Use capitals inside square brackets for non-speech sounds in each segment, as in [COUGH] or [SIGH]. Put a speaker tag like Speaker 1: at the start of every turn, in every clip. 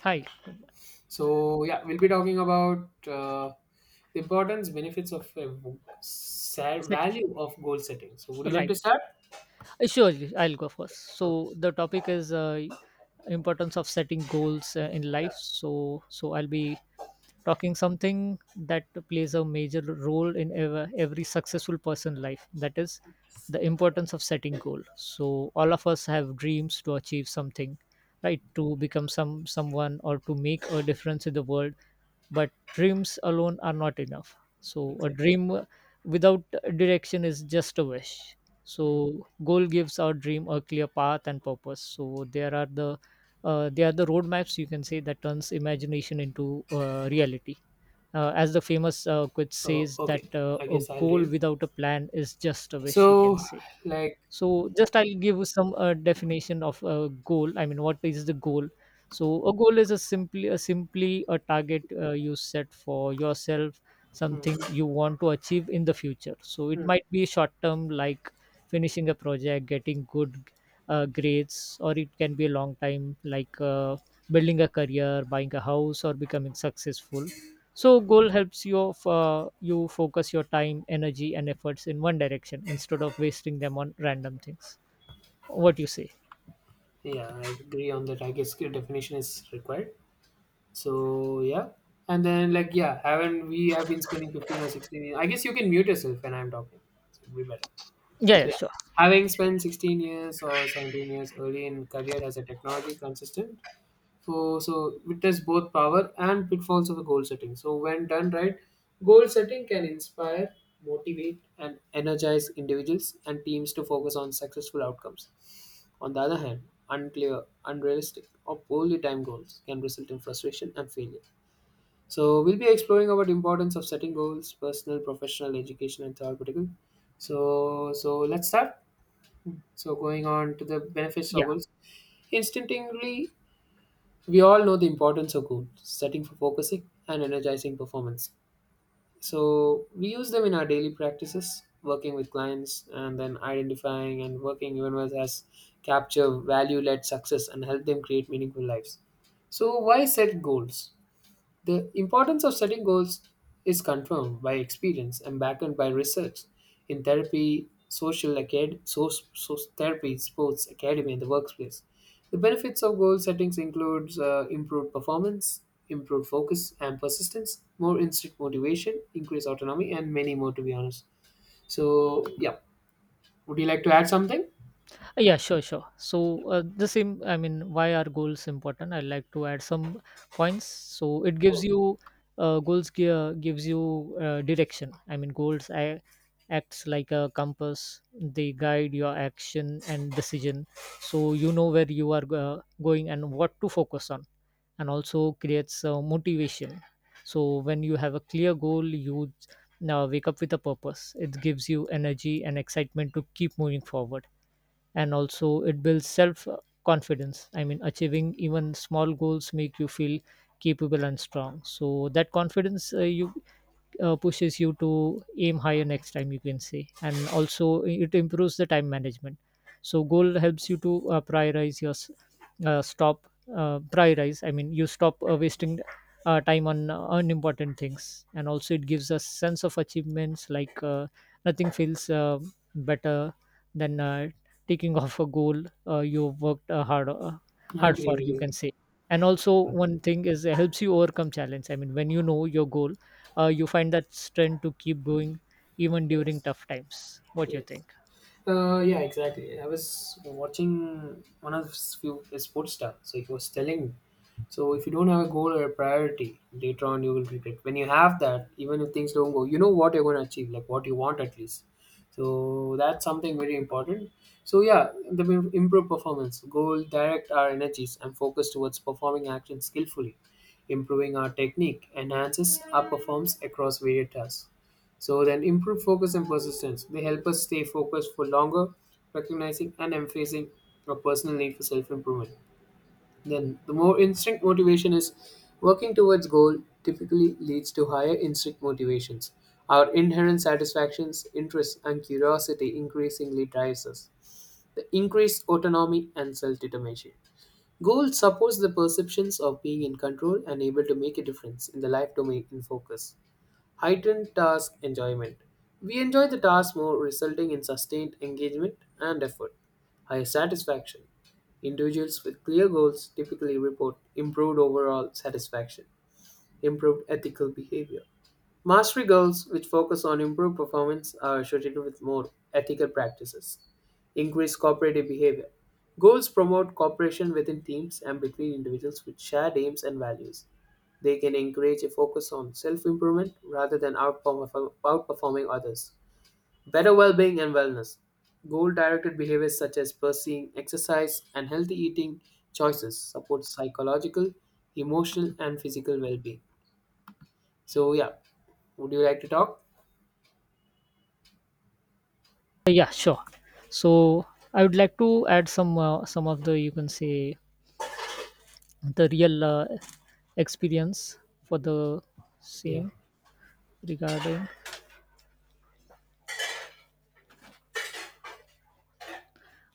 Speaker 1: Hi.
Speaker 2: So yeah, we'll be talking about the importance, benefits of
Speaker 1: Sit.
Speaker 2: value of goal setting. So would you like to
Speaker 1: Right.
Speaker 2: start?
Speaker 1: Sure, I'll go first.
Speaker 2: Okay.
Speaker 1: So the topic is importance of setting goals in
Speaker 2: Yeah.
Speaker 1: life. So I'll be talking something that plays a major role in every successful person life. That is the importance of setting goal. So all of us have dreams to achieve something, right? To become someone or to make a difference in the world, but dreams alone are not enough, so a
Speaker 2: Exactly.
Speaker 1: dream without direction is just a wish.
Speaker 2: Mm.
Speaker 1: So goal gives our dream a clear path and purpose. So there are they are the roadmaps, you can say, that turns imagination into reality. As the famous quote
Speaker 2: Oh,
Speaker 1: says
Speaker 2: okay.
Speaker 1: that
Speaker 2: I
Speaker 1: a
Speaker 2: guess I'll
Speaker 1: goal
Speaker 2: read.
Speaker 1: without a plan is just a wish, you can
Speaker 2: So,
Speaker 1: say.
Speaker 2: like,
Speaker 1: So just I'll give you some definition of a goal. I mean, what is the goal? So a goal is a simply a simply a target you set for yourself,
Speaker 2: mm,
Speaker 1: something you want to achieve in the future. So it
Speaker 2: mm.
Speaker 1: might be short term like finishing a project, getting good grades, or it can be a long time like building a career, buying a house, or becoming successful. So goal helps you you focus your time, energy, and efforts in one direction instead of wasting them on random things. What you say?
Speaker 2: yeah, I agree on that. I guess the definition is required. So yeah, and then like yeah, haven't we have been spending 15 or 16? I guess you can mute yourself when I'm talking. So it'll be better.
Speaker 1: Yeah,
Speaker 2: So
Speaker 1: yeah,
Speaker 2: yeah,
Speaker 1: sure.
Speaker 2: having spent 16 years or 17 years early in career as a technology consultant, so witness both power and pitfalls of the goal setting. So when done right, goal setting can inspire, motivate, and energize individuals and teams to focus on successful outcomes. On the other hand, unclear, unrealistic, or poorly timed goals can result in frustration and failure. So we'll be exploring about importance of setting goals, personal, professional, educational, and therapeutical. So let's start. So going on to the benefits of
Speaker 1: Yeah.
Speaker 2: goals, instinctively we all know the importance of goals, setting for focusing and energizing performance. So we use them in our daily practices, working with clients and then identifying and working even with us capture value-led success and help them create meaningful lives. So why set goals? The importance of setting goals is confirmed by experience and backed by research in therapy, so therapy, sports, academy, and the workplace. The benefits of goal settings include improved performance, improved focus and persistence, more instant motivation, increased autonomy, and many more, to be honest. So, yeah, would you like to add something?
Speaker 1: Yeah, sure, sure. So, the same, I mean, why are goals important? I'd like to add some points. So, it gives
Speaker 2: Okay.
Speaker 1: you gives you direction. I mean, goals I, acts like a compass, they guide your action and decision. So, you know where you are going and what to focus on, and also creates motivation. So, when you have a clear goal, you now wake up with a purpose. It gives you energy and excitement to keep moving forward, and also it builds self confidence. I mean, achieving even small goals make you feel capable and strong. So that confidence you pushes you to aim higher next time, you can say. And also it improves the time management. So goal helps you to uh, stop prioritize. I mean, you stop wasting time on unimportant things. And also it gives us sense of achievements, like nothing feels better than taking [LAUGHS] off a goal you worked
Speaker 2: I
Speaker 1: hard
Speaker 2: agree
Speaker 1: for,
Speaker 2: with
Speaker 1: you
Speaker 2: you.
Speaker 1: can say. And also one thing is it helps you overcome challenge. I mean, when you know your goal, you find that strength to keep going even during
Speaker 2: Yes.
Speaker 1: tough times. What do you
Speaker 2: Yes.
Speaker 1: think?
Speaker 2: Yeah, exactly. I was watching one of his few a sports star, so he was telling so if you don't have a goal or a priority, later on you will regret. When you have that, even if things don't go, you know what you're going to achieve, like what you want at least. So that's something very important. So yeah, the improve performance goal direct our energies and focus towards performing action skillfully, improving our technique enhances our performance across various tasks. So then improve focus and persistence. They help us stay focused for longer, recognizing and emphasizing our personal need for self-improvement. Then the more instinct motivation is working towards goal typically leads to higher instinct motivations. Our inherent satisfactions, interests, and curiosity increasingly drives us. The increased autonomy and self-determination. Goal supports the perceptions of being in control and able to make a difference in the life domain in focus. Heightened task enjoyment. We enjoy the task more, resulting in sustained engagement and effort. Higher satisfaction. Individuals with clear goals typically report improved overall satisfaction, improved ethical behavior. Mastery goals, which focus on improved performance, are associated with more ethical practices, increased cooperative behavior. Goals promote cooperation within teams and between individuals with shared aims and values. They can encourage a focus on self improvement rather than outperforming others. Better well being and wellness. Goal directed behaviors such as pursuing exercise and healthy eating choices support psychological, emotional, and physical well being. So, yeah, would you like to talk?
Speaker 1: Yeah, sure. So I would like to add some of the, you can say, the real experience for the
Speaker 2: Yeah.
Speaker 1: same regarding.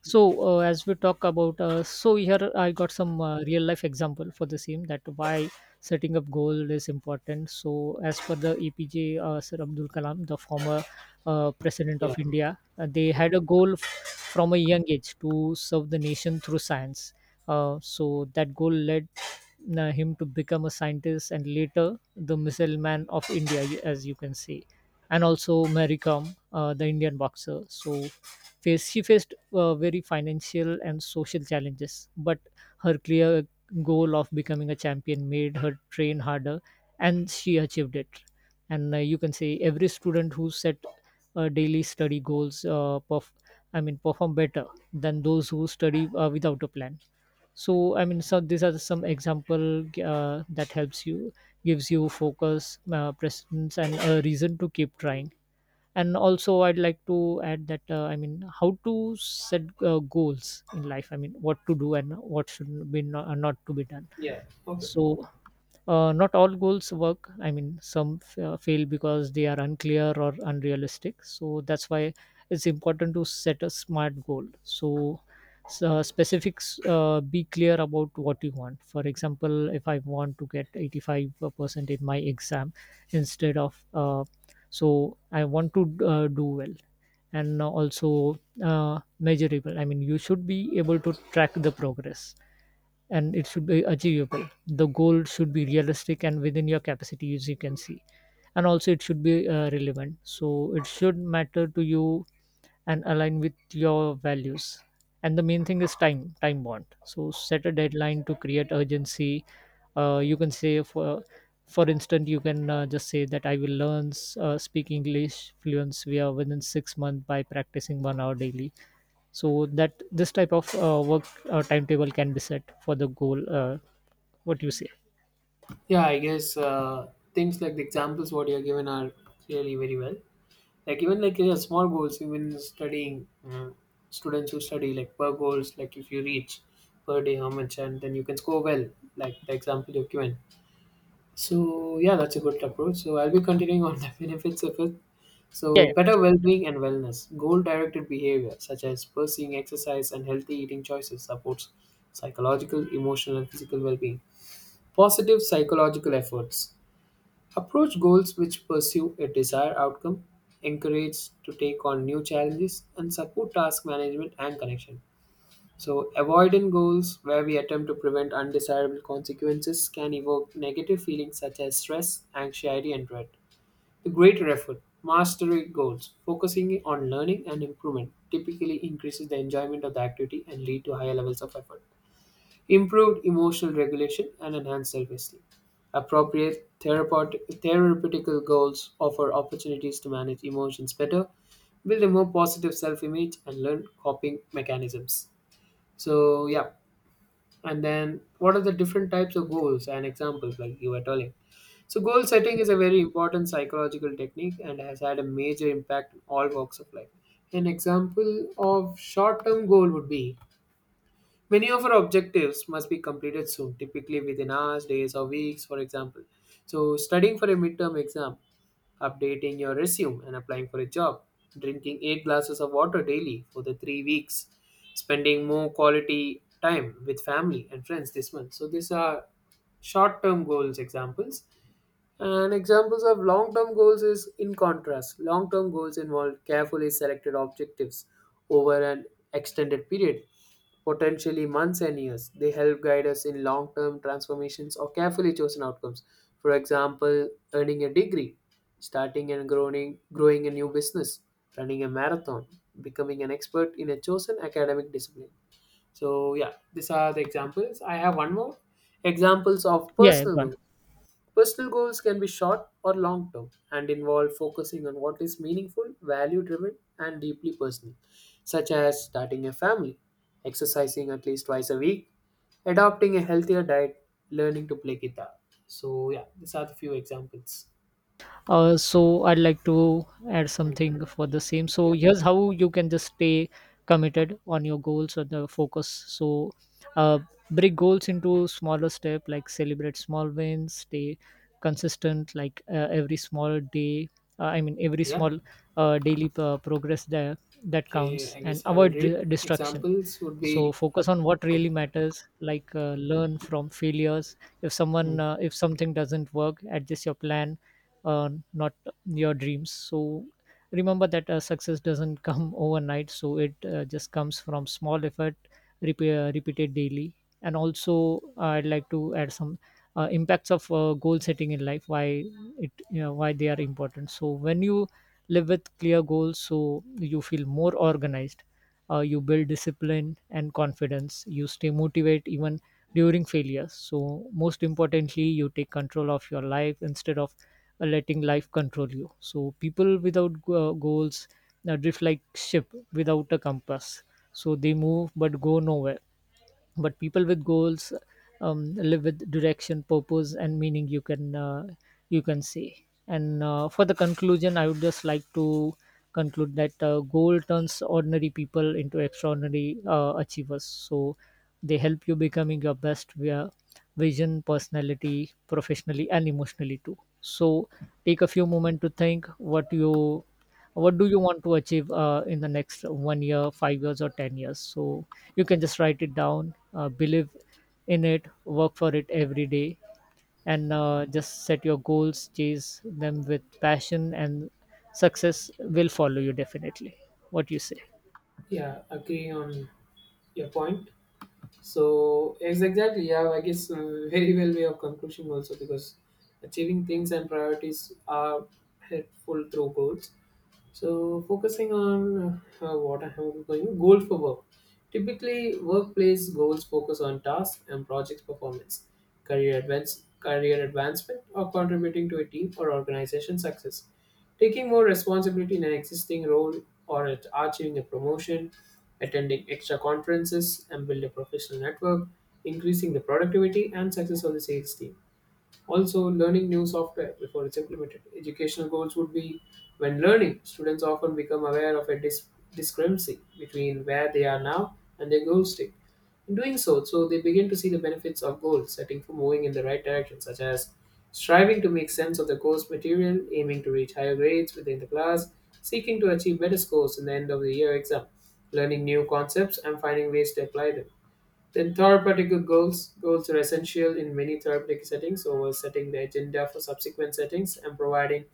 Speaker 1: So as we talk about, so here I got some real life example for the same, that why setting up goal is important. So as per the EPJ Sir Abdul Kalam, the former president
Speaker 2: Yeah.
Speaker 1: of India, they had
Speaker 2: Okay.
Speaker 1: a goal from a young age to serve the nation through science. So that goal led him to become a scientist and later the missile man of India, as you can say. And also Mary Kom, the Indian boxer, so face she faced very financial and social challenges, but her clear goal of becoming a champion made her train harder, and she achieved it. And you can say every student who set daily study goals I mean perform better than those who study without a plan. So I mean, so these are some example that helps you, gives you focus, presence, and a reason to keep trying. And also I'd like to add that, I mean, how to set goals in life. I mean, what to do and what should be not to be done.
Speaker 2: Yeah. Okay.
Speaker 1: So not all goals work. I mean, some fail because they are unclear or unrealistic. So that's why it's important to set a smart goal. So, so specifics, be clear about what you want. For example, if I want to get 85% in my exam instead of, so I want to do well. And also measurable. I mean, you should be able to track the progress. And it should be achievable. The goal should be realistic and within your capacity, as you can see. And also it should be relevant. So it should matter to you and align with your values. And the main thing is time, time bond. So set a deadline to create urgency. You can say for instance, you can just say that I will learn speak English fluency via within 6 months by practicing 1 hour daily. So that this type of work timetable can be set for the goal. What do you say?
Speaker 2: Yeah, I guess things like the examples what you're given are really very well. Like even like small goals, even studying students who study like per goals, like if you reach per day how much, and then you can score well, like the example you've given. So yeah, that's a good approach. So I'll be continuing on [LAUGHS] the benefits of it.
Speaker 1: Yeah,
Speaker 2: So
Speaker 1: yeah,
Speaker 2: better
Speaker 1: sure.
Speaker 2: well-being and wellness, goal-directed behavior such as pursuing exercise and healthy eating choices supports psychological, emotional, and physical well-being. Positive psychological efforts approach goals which pursue a desired outcome, encourage to take on new challenges, and support task management and connection. So, avoidant goals where we attempt to prevent undesirable consequences can evoke negative feelings such as stress, anxiety, and dread. The greater effort, mastery goals, focusing on learning and improvement, typically increases the enjoyment of the activity and lead to higher levels of effort, improved emotional regulation, and enhanced self-esteem. Appropriate therapeutical goals offer opportunities to manage emotions better, build a more positive self-image, and learn coping mechanisms. So yeah, and then what are the different types of goals and examples like you were telling? So goal setting is a very important psychological technique and has had a major impact in all walks of life. An example of short-term goal would be: many of our objectives must be completed soon, typically within hours, days, or weeks, for example. So, studying for a midterm exam, updating your resume, and applying for a job, drinking 8 glasses of water daily for the 3 weeks, spending more quality time with family and friends this month. So, these are short term goals examples and examples of long term goals is in contrast. Long term goals involve carefully selected objectives over an extended period, potentially months and years. They help guide us in long term transformations or carefully chosen outcomes. For example, earning a degree, growing a new business, running a marathon, becoming an expert in a chosen academic discipline. So, yeah, these are the examples. I have one more examples of
Speaker 1: Yeah, yeah,
Speaker 2: personal
Speaker 1: go
Speaker 2: goals.
Speaker 1: on.
Speaker 2: Personal goals can be short or long term and involve focusing on what is meaningful, value driven, and deeply personal, such as starting a family, exercising at least twice a week, adopting a healthier diet, learning to play guitar. So, yeah, these are the few examples.
Speaker 1: So I'd like to add
Speaker 2: Mm,
Speaker 1: something for the same.
Speaker 2: yeah.
Speaker 1: So here's how you can just stay committed on your goals or the focus. So uh, break goals into smaller step, like celebrate small wins, stay consistent, like every small day. I mean, every
Speaker 2: Yeah.
Speaker 1: small daily progress there, that
Speaker 2: Okay.
Speaker 1: counts,
Speaker 2: I
Speaker 1: and
Speaker 2: guess I will
Speaker 1: avoid
Speaker 2: read.
Speaker 1: distraction.
Speaker 2: Examples would
Speaker 1: So
Speaker 2: be
Speaker 1: focus on what really
Speaker 2: okay.
Speaker 1: matters, like learn from failures.
Speaker 2: Mm.
Speaker 1: If something doesn't work, adjust your plan, not your dreams. So remember that success doesn't come [LAUGHS] overnight. So it just comes from small effort repeated daily. And also I'd like to add some impacts of goal setting in life, why why they are important. So when you live with clear goals, so you feel more organized, you build discipline and confidence, you stay motivated even during failure. So, most importantly, you take control of your life instead of letting life control you. So, people without goals drift like ship without a compass. So, they move but go nowhere, but people with goals live with direction, purpose, and meaning, you can say. And for the conclusion, I would just like to conclude that goal turns ordinary people into extraordinary achievers. So they help you becoming your best via vision, personality, professionally, and emotionally too. So take a few moments to think what you what do you want to achieve in the next one year, 5 years, or 10 years. So you can just write it down, believe in it, work for it every day. And just set your goals, chase them with passion, and success will follow you definitely. What you say?
Speaker 2: Yeah. Agree on your point. So yes, exactly. Yeah, I guess very well way of conclusion also because achieving things and priorities are helpful through goals. So, focusing on what I am going, goal for work. Typically, workplace goals focus on tasks and projects performance, career advancement, or contributing to a team or organization success. Taking more responsibility in an existing role or at achieving a promotion, attending extra conferences and build a professional network, increasing the productivity and success of the sales team. Also, learning new software before it's implemented. Educational goals would be when learning, students often become aware of a discrepancy between where they are now and their goal state. In doing so they begin to see the benefits of goal setting for moving in the right direction, such as striving to make sense of the course material, aiming to reach higher grades within the class, seeking to achieve better scores in the end of the year exam, learning new concepts and finding ways to apply them. Then therapeutic goals goals are essential in many therapeutic settings, so setting the agenda for subsequent settings and providing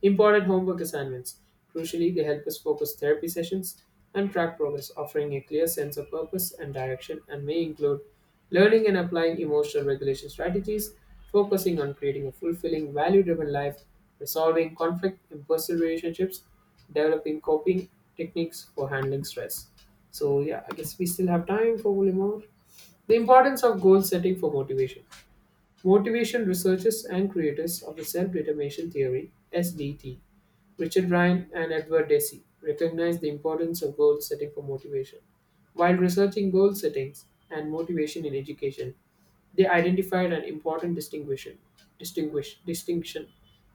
Speaker 2: important homework assignments. Crucially, they help us focus therapy sessions and track progress, offering a clear sense of purpose and direction, and may include learning and applying emotional regulation strategies, focusing on creating a fulfilling, value-driven life, resolving conflict in personal relationships, developing coping techniques for handling stress. So yeah, I guess we still have time for one more. The importance of goal setting for motivation. Motivation researchers and creators of the self determination theory (SDT), Richard Ryan and Edward Deci, recognize the importance of goal setting for motivation. While researching goal settings and motivation in education, they identified an important distinction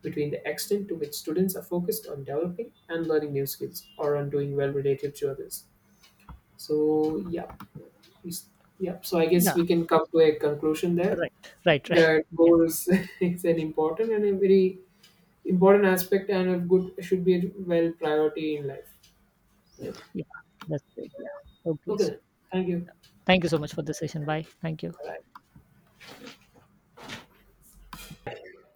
Speaker 2: between the extent to which students are focused on developing and learning new skills or on doing well relative to others. So yeah, we s- yeah. So I guess
Speaker 1: Yeah,
Speaker 2: we can come to a conclusion there
Speaker 1: right,
Speaker 2: that
Speaker 1: you can.
Speaker 2: goals [LAUGHS] is an important and a very important aspect and a good should be a well priority in life. Yep.
Speaker 1: Yeah, that's great. Yeah, okay.
Speaker 2: Okay.
Speaker 1: So
Speaker 2: Then. Thank you.
Speaker 1: thank you so much for the session.
Speaker 2: Yep.
Speaker 1: Bye, thank you.
Speaker 2: Bye.